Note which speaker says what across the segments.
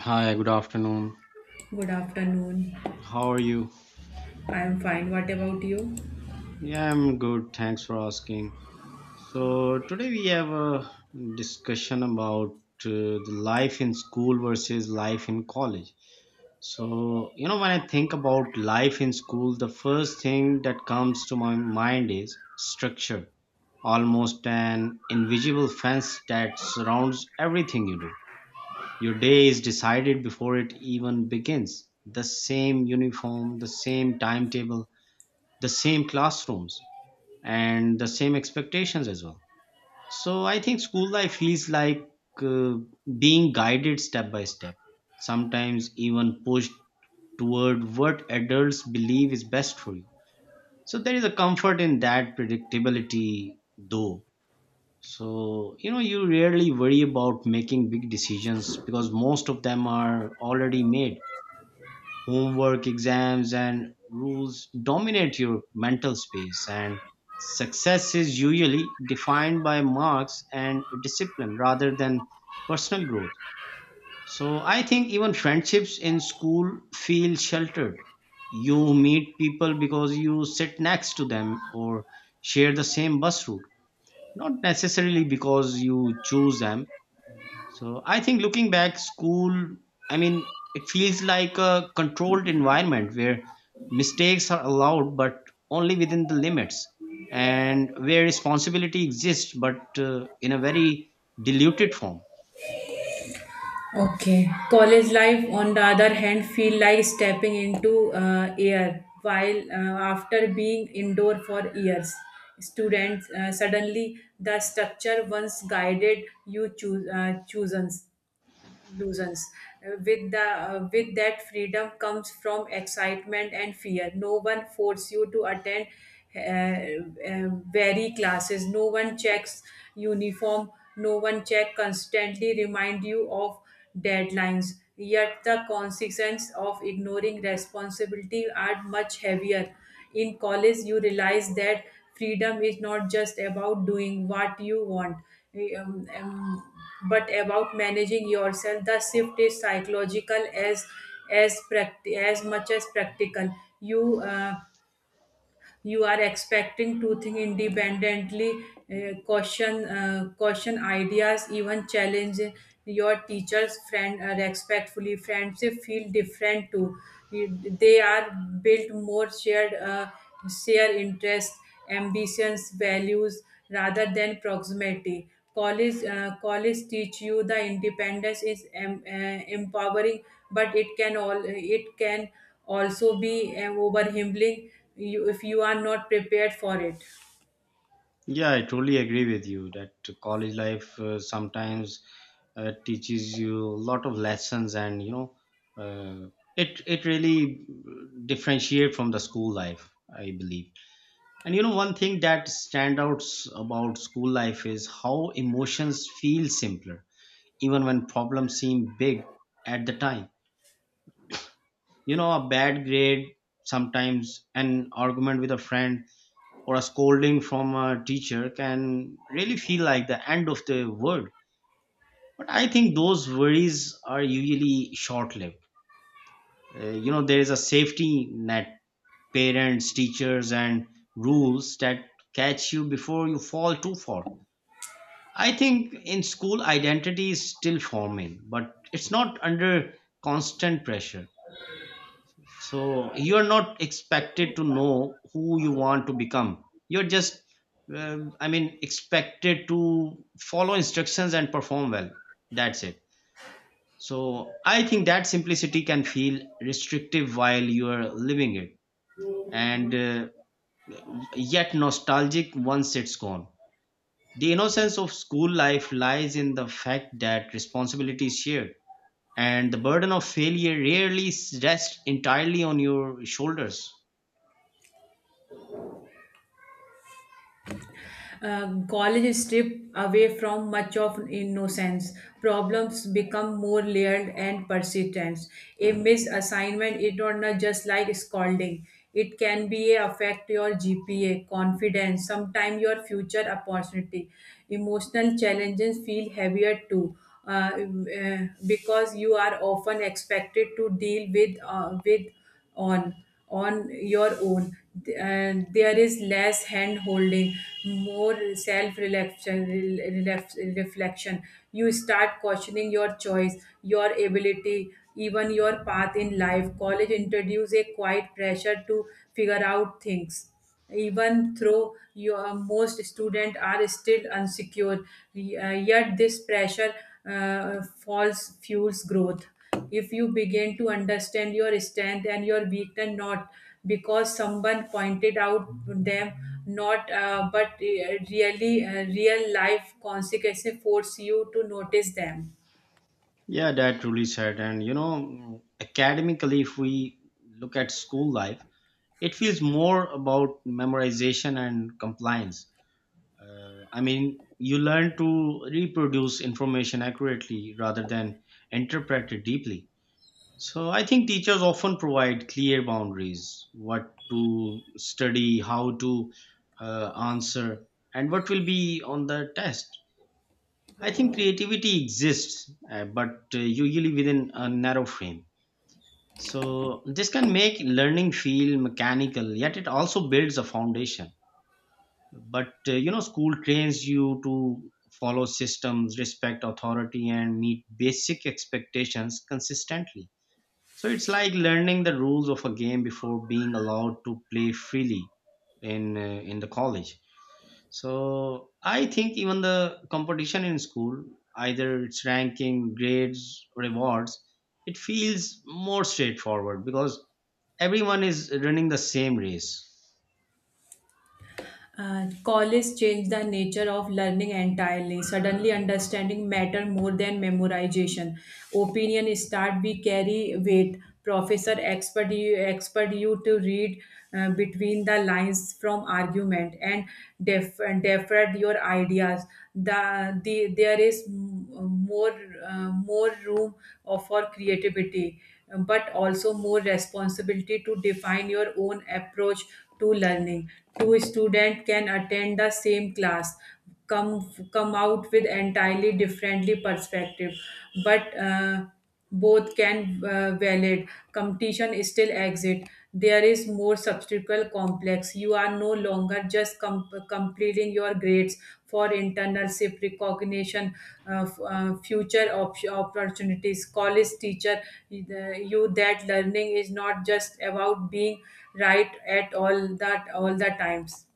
Speaker 1: Hi, good afternoon.
Speaker 2: Good afternoon.
Speaker 1: How are you?
Speaker 2: I am fine. What about you?
Speaker 1: Yeah, I'm good. Thanks for asking. So, today we have a discussion about the life in school versus life in college. So, you know, when I think about life in school, the first thing that comes to my mind is structure, almost an invisible fence that surrounds everything you do. Your day is decided before it even begins. The same uniform, the same timetable, the same classrooms, and the same expectations as well. So I think school life feels like uh, being guided step by step, sometimes even pushed toward what adults believe is best for you. So there is a comfort in that predictability, though. So, you know, you rarely worry about making big decisions because most of them are already made. Homework, exams, and rules dominate your mental space, and success is usually defined by marks and discipline rather than personal growth. So I think even friendships in school feel sheltered. You meet people because you sit next to them or share the same bus route, not necessarily because you choose them. So I think looking back, school, I mean, it feels like a controlled environment where mistakes are allowed, but only within the limits, and where responsibility exists, but in a very diluted form.
Speaker 2: Okay. College life, on the other hand, feel like stepping into air. While after being indoor for years, students suddenly the structure once guided you chooses illusions. With the with that freedom comes from excitement and fear. No one force you to attend vary classes. No one checks uniform. No one check constantly remind you of deadlines, yet the consequences of ignoring responsibility are much heavier. In college, you realize that freedom is not just about doing what you want, um, um, but about managing yourself. The shift is psychological as as much as practical. You you are expecting to think independently, caution ideas, even challenge your teachers friend respectfully. Friendship feel different too. They are built more shared, share interest, ambitions, values, rather than proximity. College teach you the independence is empowering, but it can also be overwhelming you, if you are not prepared for it.
Speaker 1: Yeah, I totally agree with you that college life sometimes teaches you a lot of lessons, and you know, uh, it really differentiate from the school life, I believe. And you know, one thing that stands out about school life is how emotions feel simpler, even when problems seem big at the time. You know, a bad grade, sometimes an argument with a friend, or a scolding from a teacher can really feel like the end of the world. But I think those worries are usually short lived. You know, there is a safety net, parents, teachers, and rules that catch you before you fall too far. I think in school, identity is still forming, but it's not under constant pressure. So you're not expected to know who you want to become. You're just, I mean, expected to follow instructions and perform well. That's it. So I think that simplicity can feel restrictive while you're living it, and yet nostalgic once it's gone. The innocence of school life lies in the fact that responsibility is shared, and the burden of failure rests entirely on your shoulders.
Speaker 2: College strip away from much of innocence. Problems become more layered and persistent. A misassignment is not just like scolding. It can be affect your GPA, confidence, sometimes your future opportunity. Emotional challenges feel heavier too. Uh, because you are often expected to deal with on on your own, and there is less hand holding, more self reflection. You start questioning your choice, your ability, even your path in life. College introduce a quiet pressure to figure out things, even though your most students are still insecure, yet this pressure falls fuels growth if you begin to understand your strength and your weakness, not because someone pointed out them, not but real life consequences force you to notice them.
Speaker 1: Yeah, that truly said. And you know, academically, if we look at school life, it feels more about memorization and compliance. I mean, you learn to reproduce information accurately rather than interpret it deeply. So I think teachers often provide clear boundaries, what to study, how to answer, and what will be on the test. I think creativity exists, but usually within a narrow frame. So this can make learning feel mechanical, yet it also builds a foundation. But you know, school trains you to follow systems, respect authority, and meet basic expectations consistently. So it's like learning the rules of a game before being allowed to play freely in the college. So I think even the competition in school, either it's ranking, grades, rewards, it feels more straightforward because everyone is running the same race.
Speaker 2: College changed the nature of learning entirely. Suddenly, understanding matter more than memorization. Opinion start we carry weight. Professor expert you to read between the lines from argument and def- defer your ideas. There is more more room for creativity, but also more responsibility to define your own approach to learning. Two students can attend the same class, come out with entirely differently perspective, but both can, valid competition still exist. There is more substantial complex. You are no longer just completing your grades for internship recognition, future opportunities. College teacher you that learning is not just about being right at all that all the times,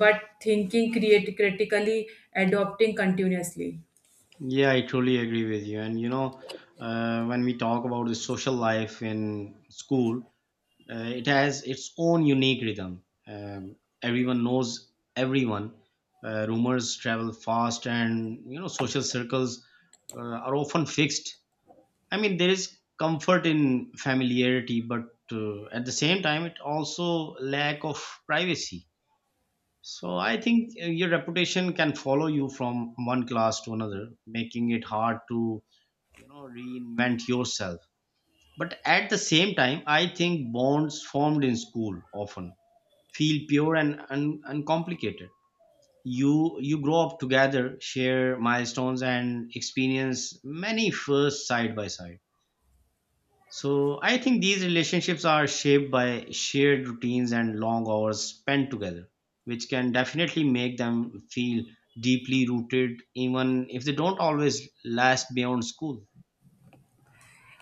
Speaker 2: but thinking create critically, adopting continuously.
Speaker 1: Yeah, I truly agree with you. And you know, when we talk about the social life in school, It has its own unique rhythm. Everyone knows everyone. Rumors travel fast, and you know social circles are often fixed. I mean, there is comfort in familiarity, but at the same time, it also lack of privacy. So I think your reputation can follow you from one class to another, making it hard to, you know, reinvent yourself. But at the same time, I think bonds formed in school often feel pure and uncomplicated. You grow up together, share milestones, and experience many firsts side by side. So I think these relationships are shaped by shared routines and long hours spent together, which can definitely make them feel deeply rooted even if they don't always last beyond school.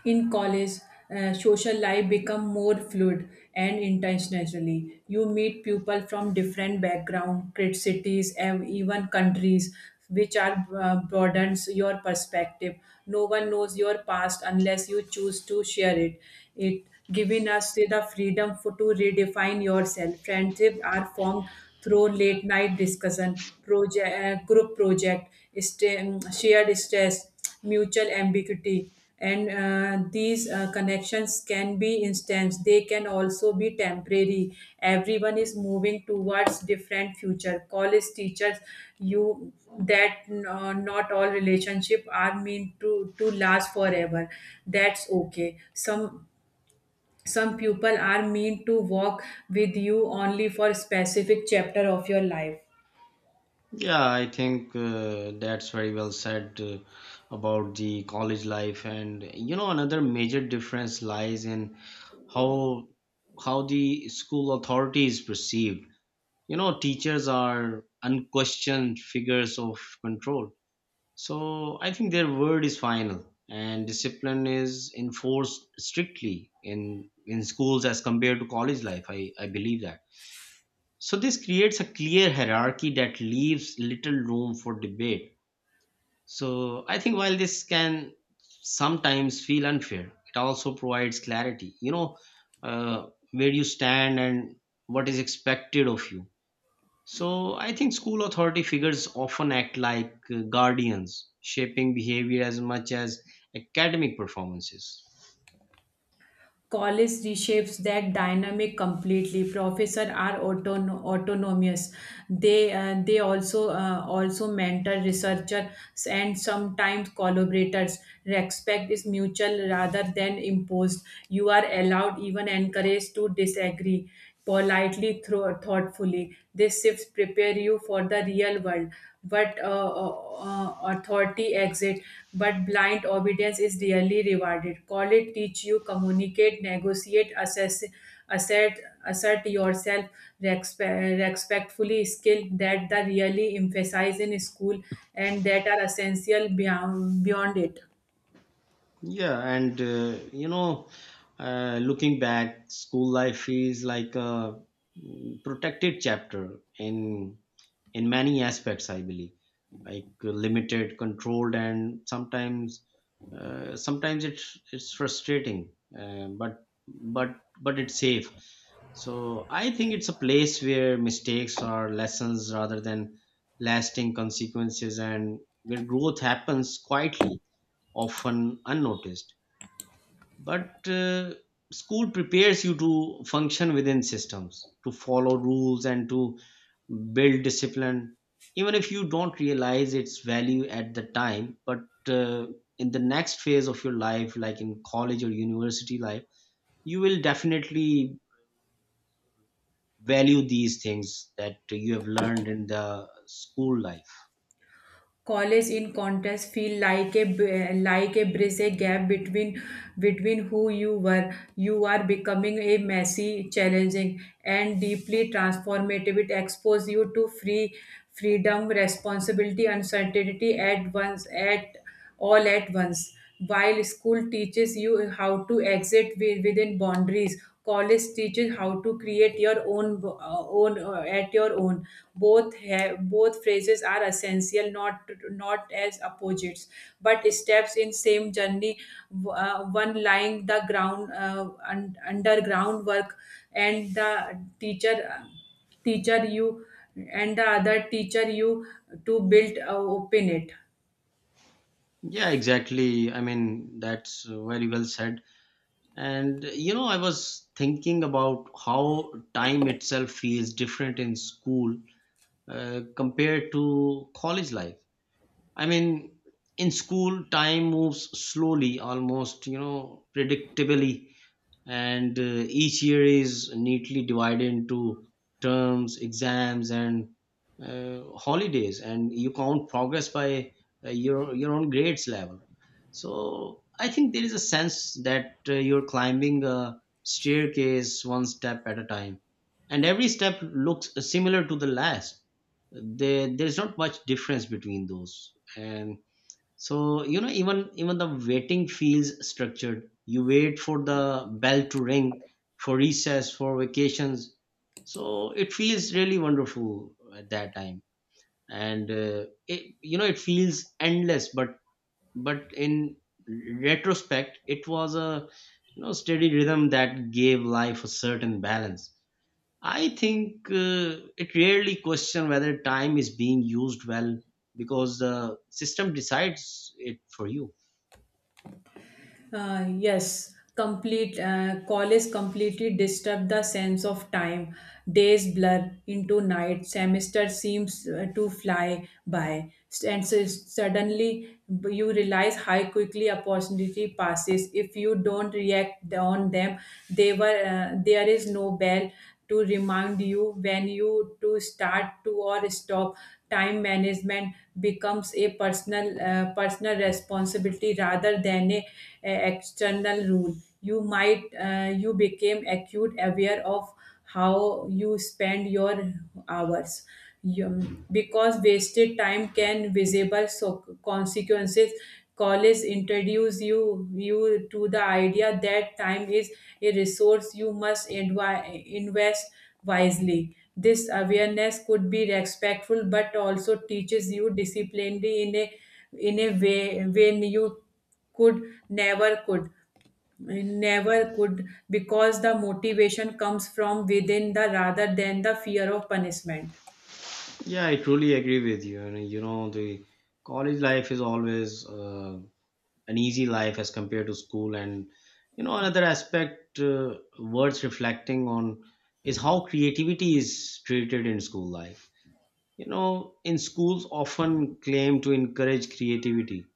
Speaker 2: In college, social life become more fluid and intentionally. You meet people from different background, great cities, and even countries, which are broadens your perspective. No one knows your past unless you choose to share it. It giving us the freedom to redefine yourself. Friendships are formed through late night discussion, group project, shared stress, mutual ambiguity, and these connections can be instant. They can also be temporary. Everyone is moving towards different future. College teachers you that not all relationship are meant to last forever, that's okay. Some people are meant to walk with you only for specific chapter of your life.
Speaker 1: Yeah, I think that's very well said about the college life, and you know another major difference lies in how how the school authority is perceived. You know, teachers are unquestioned figures of control, so I think their word is final, and discipline is enforced strictly in schools as compared to college life. I believe that. So this creates a clear hierarchy that leaves little room for debate. So I think while this can sometimes feel unfair, it also provides clarity. You know, uh, where you stand and what is expected of you. So I think school authority figures often act like guardians, shaping behavior as much as academic performances.
Speaker 2: College reshapes that dynamic completely. Professors are autonomous. They also mentor researchers and sometimes collaborators. Respect is mutual rather than imposed. You are allowed, even encouraged to disagree politely through thoughtfully. This shifts prepare you for the real world, but authority exit, but blind obedience is rarely rewarded. Call it teach you communicate, negotiate, assess, assert assert yourself respectfully, skill that the really emphasize in school and that are essential beyond it.
Speaker 1: Yeah, and you know, looking back, school life is like a protected chapter in many aspects, I believe, like limited, controlled, and sometimes sometimes it's frustrating, but but it's safe. So I think it's a place where mistakes are lessons rather than lasting consequences, and where growth happens quietly, often unnoticed. But school prepares you to function within systems, to follow rules, and to build discipline, even if you don't realize its value at the time. But uh, in the next phase of your life, like in college or university life, you will definitely value these things that you have learned in the school life.
Speaker 2: College in contrast feel like a bridge, a gap between who you were, you are becoming. A messy, challenging, and deeply transformative, it exposes you to freedom, responsibility, uncertainty, at once. While school teaches you how to exit within boundaries, college teaches how to create your own bo- own at your own. Both phrases are essential, not as opposites, but steps in same journey. One lying the ground, underground work, and the teacher teacher you, and the other teacher you to build, open it.
Speaker 1: Yeah, exactly. I mean, that's very well said. And you know, I was thinking about how time itself feels different in school compared to college life. I mean, in school, time moves slowly, almost, you know, predictably, and each year is neatly divided into terms, exams, and holidays, and you count progress by your own grades level. So I think there is a sense that you're climbing a staircase one step at a time, and every step looks similar to the last. There's not much difference between those. And so, you know, even the waiting feels structured. You wait for the bell to ring, for recess, for vacations. So it feels really wonderful at that time, and it, you know, it feels endless. But in retrospect, it was a, you know, steady rhythm that gave life a certain balance. I think it rarely question whether time is being used well because the system decides it for you.
Speaker 2: Yes, complete college completely disturbed the sense of time. Days blur into night. Semester seems to fly by, and so suddenly you realize how quickly opportunity passes if you don't react on them. They were there is no bell to remind you when you to start to or stop. Time management becomes a personal responsibility rather than a external rule. You might uh, you became acute aware of how you spend your hours, because wasted time can visible so consequences. College introduce you to the idea that time is a resource you must invest wisely. This awareness could be respectful but also teaches you discipline in a way, when you could never could never could, because the motivation comes from within the, rather than the fear of punishment.
Speaker 1: Yeah, I truly agree with you. And you know, the college life is always an easy life as compared to school. And you know, another aspect worth reflecting on is how creativity is treated in school life. You know, in schools often claim to encourage creativity,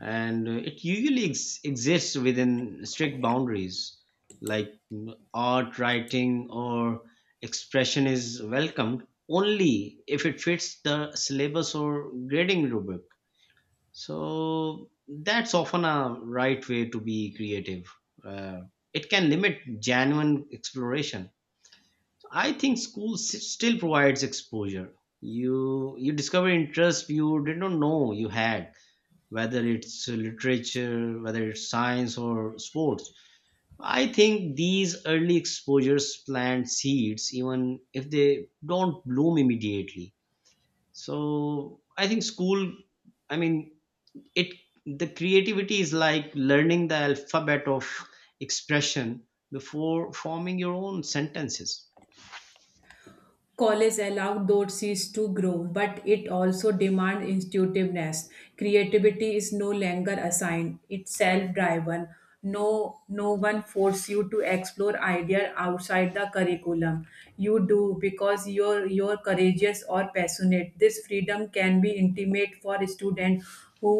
Speaker 1: and it usually exists within strict boundaries like art, writing, or expression is welcomed only if it fits the syllabus or grading rubric. So that's often a right way to be creative. uh, it can limit genuine exploration. So, I think school still provides exposure. You discover interests you did not know you had, whether it's literature, whether it's science or sports. I think these early exposures plant seeds even if they don't bloom immediately. So I think school, I mean, it the creativity is like learning the alphabet of expression before forming your own sentences.
Speaker 2: College allowed those seeds to grow, but it also demands intuitiveness. Creativity is no longer assigned; it's self-driven. No one forces you to explore ideas outside the curriculum. You do because you're courageous or passionate. This freedom can be intimate for students who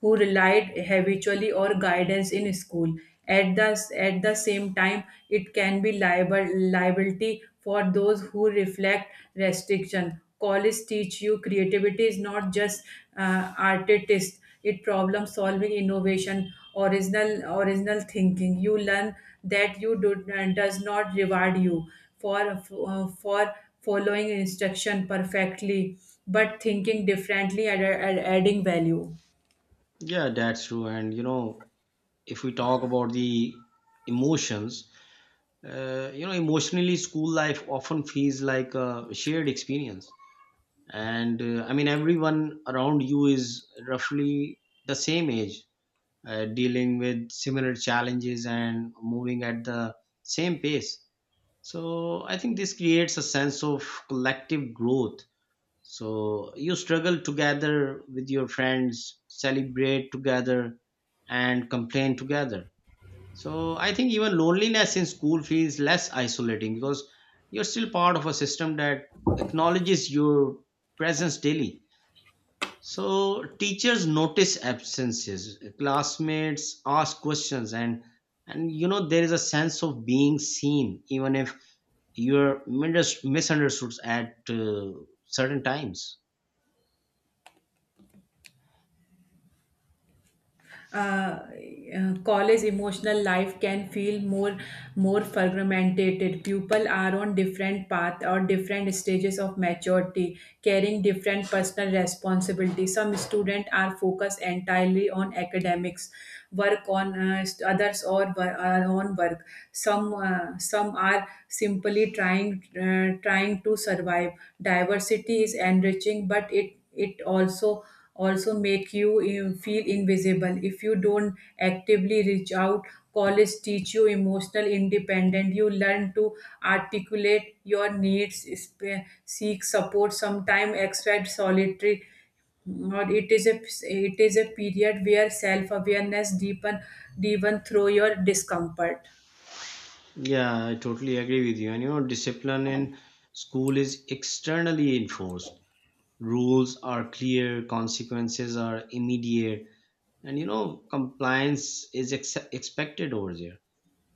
Speaker 2: who relied habitually on guidance in school. At the, at the same time, it can be liability for those who reflect restriction. College teach you creativity is not just artist; it problem solving, innovation, original thinking. You learn that does not reward you for following instruction perfectly, but thinking differently and adding value.
Speaker 1: Yeah, that's true. And you know, if we talk about the emotions, you know, emotionally, school life often feels like a shared experience. And I mean, everyone around you is roughly the same age, dealing with similar challenges and moving at the same pace. So I think this creates a sense of collective growth. So you struggle together with your friends, celebrate together, and complain together. So I think even loneliness in school feels less isolating because you're still part of a system that acknowledges your presence daily. So teachers notice absences, classmates ask questions, and you know there is a sense of being seen, even if you're misunderstood at certain times.
Speaker 2: uh, College emotional life can feel more fragmented. People are on different path or different stages of maturity, carrying different personal responsibilities. Some students are focused entirely on academics, work on others, or on work. Some are simply trying to survive. Diversity is enriching, but it also make you feel invisible if you don't actively reach out. College teach you emotional independence. You learn to articulate your needs, seek support. Sometimes, expect solitary, or it is a, period where self awareness deepen through your discomfort.
Speaker 1: Yeah, I totally agree with you. And you know, discipline in school is externally enforced. Rules are clear, consequences are immediate, and you know, compliance is expected over there.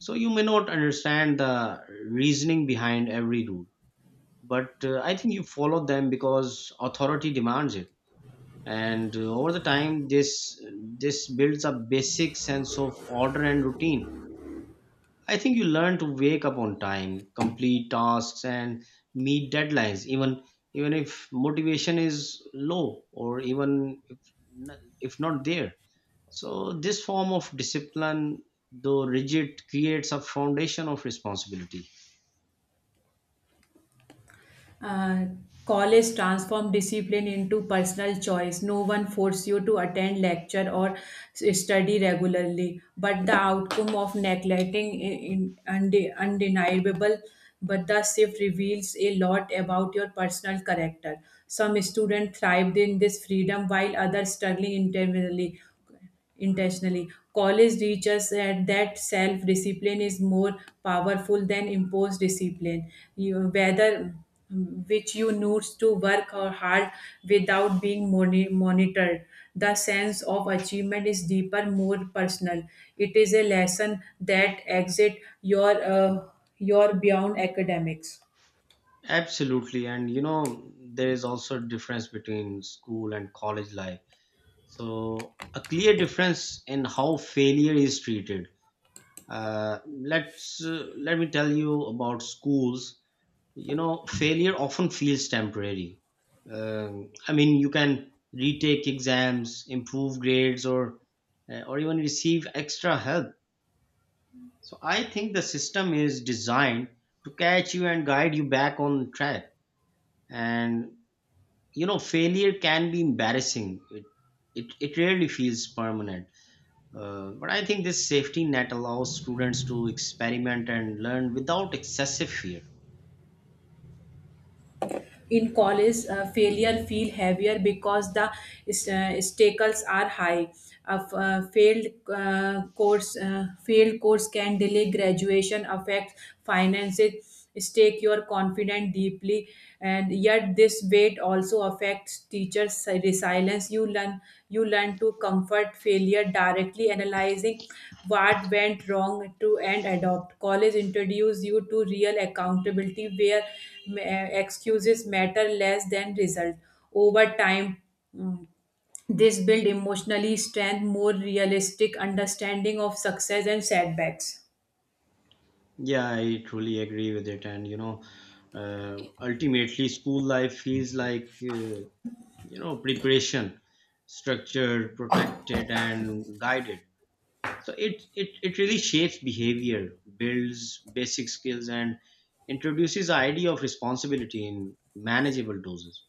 Speaker 1: So you may not understand the reasoning behind every rule, but I think you follow them because authority demands it. And over the time, this builds a basic sense of order and routine. I think you learn to wake up on time, complete tasks, and meet deadlines, even even if motivation is low, or even if, if not there. So this form of discipline, though rigid, creates a foundation of responsibility.
Speaker 2: Uh, College transformed discipline into personal choice. No one forced you to attend lecture or study regularly, but the outcome of neglecting in, undi undeniable. But the shift reveals a lot about your personal character. Some students thrived in this freedom, while others struggling internally, intentionally. College teaches that self discipline is more powerful than imposed discipline. You, whether which you need to work hard without being monitored. The sense of achievement is deeper, more personal. It is a lesson that exit your beyond academics.
Speaker 1: Absolutely. And you know there is also a difference between school and college life. So a clear difference in how failure is treated. Let me tell you about schools. You know, failure often feels temporary. I mean you can retake exams, improve grades, or even receive extra help. So I think the system is designed to catch you and guide you back on track. And failure can be embarrassing, it rarely feels permanent. Uh, but I think this safety net allows students to experiment and learn without excessive fear.
Speaker 2: In college, failure feel heavier because the stakes are high. A failed course can delay graduation, affect finances, stake your confidence deeply. And yet this weight also affects teachers' resilience. You learn to comfort failure directly, analyzing what went wrong to and adopt. College introduce you to real accountability, where excuses matter less than result. Over time, mm, this build emotionally strength, more realistic understanding of success and setbacks.
Speaker 1: Yeah, I truly agree with it. And ultimately, school life feels like, preparation, structured, protected, and guided. So it really shapes behavior, builds basic skills, and introduces the idea of responsibility in manageable doses.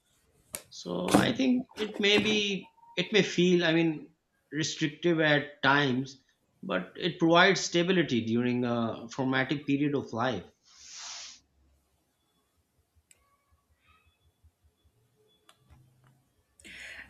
Speaker 1: So I think it may be, it may feel restrictive at times, but it provides stability during a formative period of life.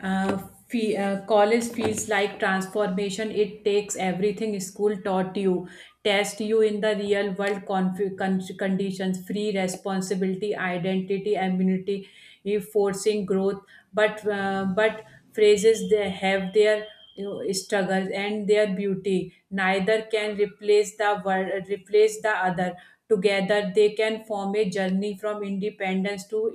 Speaker 2: Uh, fe College feels like transformation. It takes everything school taught you, test you in the real world conditions, free responsibility, identity, immunity, forcing growth. But phrases, they have their, struggles and their beauty. Neither can replace the word, replace the other. Together, they can form a journey from independence to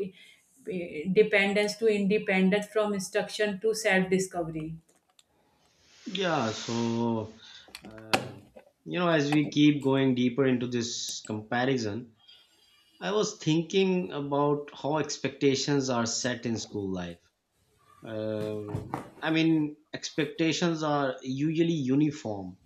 Speaker 2: dependence to independence, from instruction to self discovery.
Speaker 1: Yeah, so uh, as we keep going deeper into this comparison, I was thinking about how expectations are set in school life. Um, I mean, expectations are usually uniform.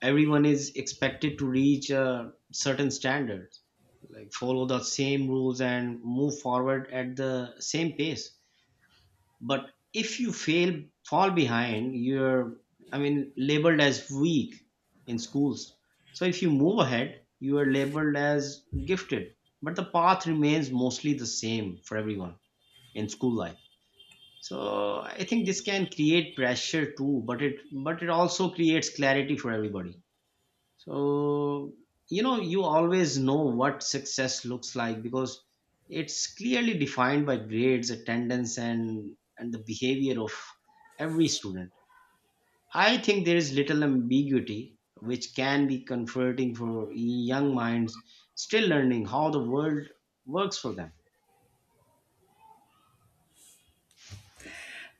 Speaker 1: Everyone is expected to reach a certain standards, like follow the same rules and move forward at the same pace. But if you fail, fall behind, you're labeled as weak in schools. So if you move ahead, you are labeled as gifted. But the path remains mostly the same for everyone in school life. So I think this can create pressure too, but it also creates clarity for everybody. So, you always know what success looks like because it's clearly defined by grades, attendance, and the behavior of every student. I think there is little ambiguity, which can be comforting for young minds still learning how the world works for them.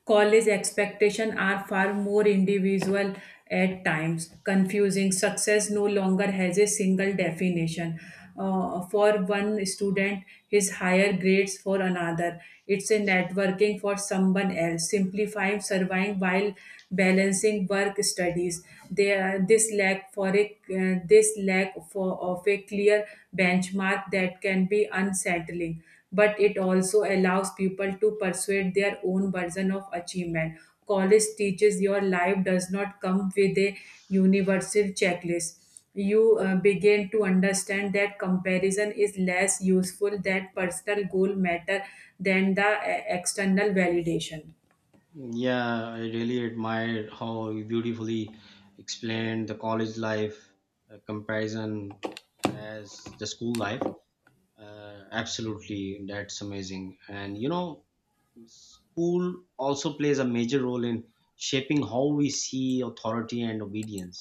Speaker 2: College expectations are far more individual, at times, confusing. Success no longer has a single definition. For one student, his higher grades. For another, it's a networking. For someone else, simplifying surviving while balancing work studies. There, this lack for a this lack for of a clear benchmark, that can be unsettling, but it also allows people to persuade their own version of achievement. College teaches your life does not come with a universal checklist. You begin to understand that comparison is less useful, that personal goal matter than the external validation.
Speaker 1: Yeah, I really admire how you beautifully explained the college life comparison as the school life. Absolutely, that's amazing. And you know, school also plays a major role in shaping how we see authority and obedience.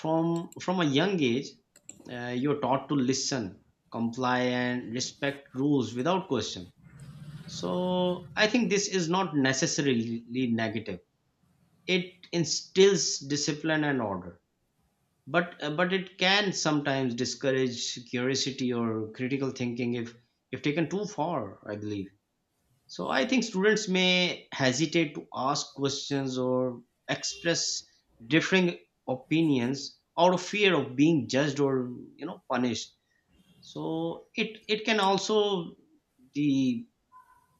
Speaker 1: From a young age, you're taught to listen, comply, and respect rules without question. So I think this is not necessarily negative. It instills discipline and order, but it can sometimes discourage curiosity or critical thinking, if taken too far, I believe. So I think students may hesitate to ask questions or express differing opinions out of fear of being judged or, punished. So it can also, the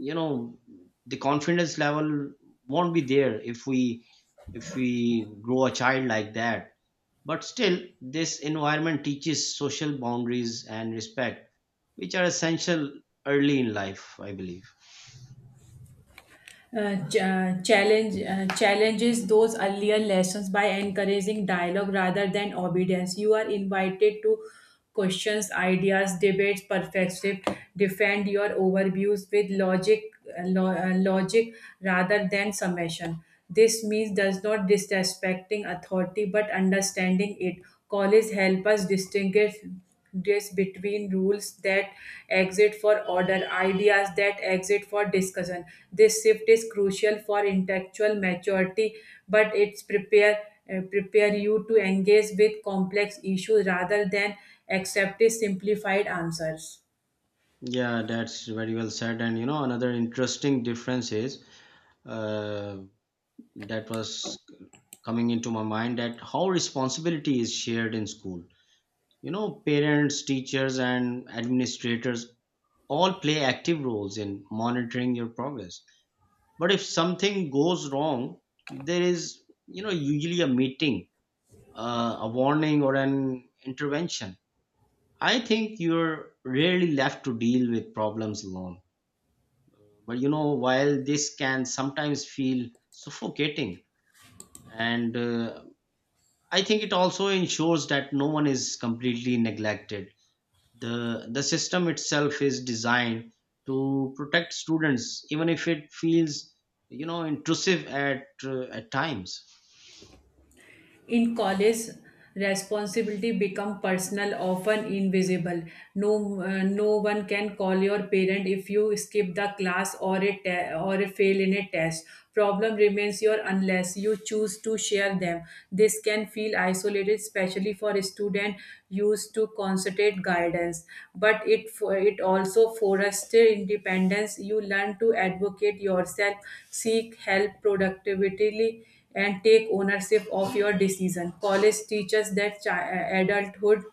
Speaker 1: you know the confidence level won't be there if we, if we grow a child like that. But still, this environment teaches social boundaries and respect, which are essential early in life, I believe.
Speaker 2: Challenges those earlier lessons by encouraging dialogue rather than obedience. You are invited to questions ideas, debates perspective, defend your overviews with logic rather than summation. This means does not disrespecting authority, but understanding it. College help us distinguish this between rules that exit for order, ideas that exit for discussion. This shift is crucial for intellectual maturity, but it's prepare you to engage with complex issues rather than accept simplified answers.
Speaker 1: Yeah, that's very well said. And you know, another interesting difference is, uh, that was coming into my mind, that how responsibility is shared in school. You know, parents, teachers, and administrators all play active roles in monitoring your progress. But if something goes wrong, there is, you know, usually a meeting, a warning or an intervention. I think you're rarely left to deal with problems alone. But you know, while this can sometimes feel suffocating, and I think it also ensures that no one is completely neglected. The system itself is designed to protect students, even if it feels, you know, intrusive at times.
Speaker 2: In college, responsibility become personal, often invisible. No one can call your parent if you skip the class, or a fail in a test. Problem remains your unless you choose to share them. This can feel isolated, especially for a student used to concentrate guidance. But it also foster independence. You learn to advocate yourself, seek help productively, and take ownership of your decision. College teaches that adulthood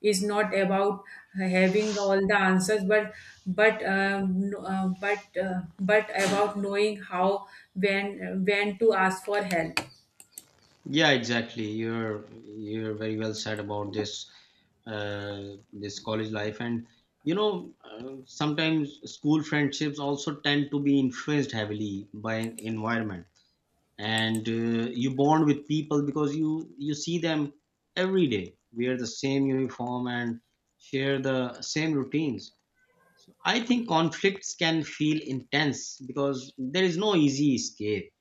Speaker 2: is not about having all the answers, but no- but about knowing how when to ask for help.
Speaker 1: Yeah, exactly. You're very well said about this this college life. And you know, sometimes school friendships also tend to be influenced heavily by environment, and you bond with people because you see them every day, wear the same uniform, and share the same routines. So I think conflicts can feel intense because there is no easy escape.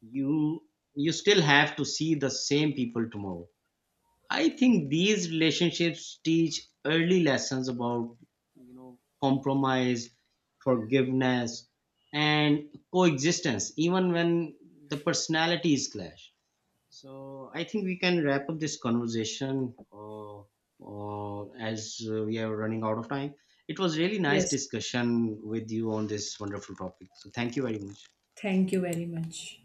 Speaker 1: You you still have to see the same people tomorrow. I think these relationships teach early lessons about, you know, compromise, forgiveness, and coexistence even when the personalities clash. So I think we can wrap up this conversation, as we are running out of time. It was really nice
Speaker 2: Yes,
Speaker 1: discussion with you on this wonderful topic, so thank you very much.
Speaker 2: thank you very much.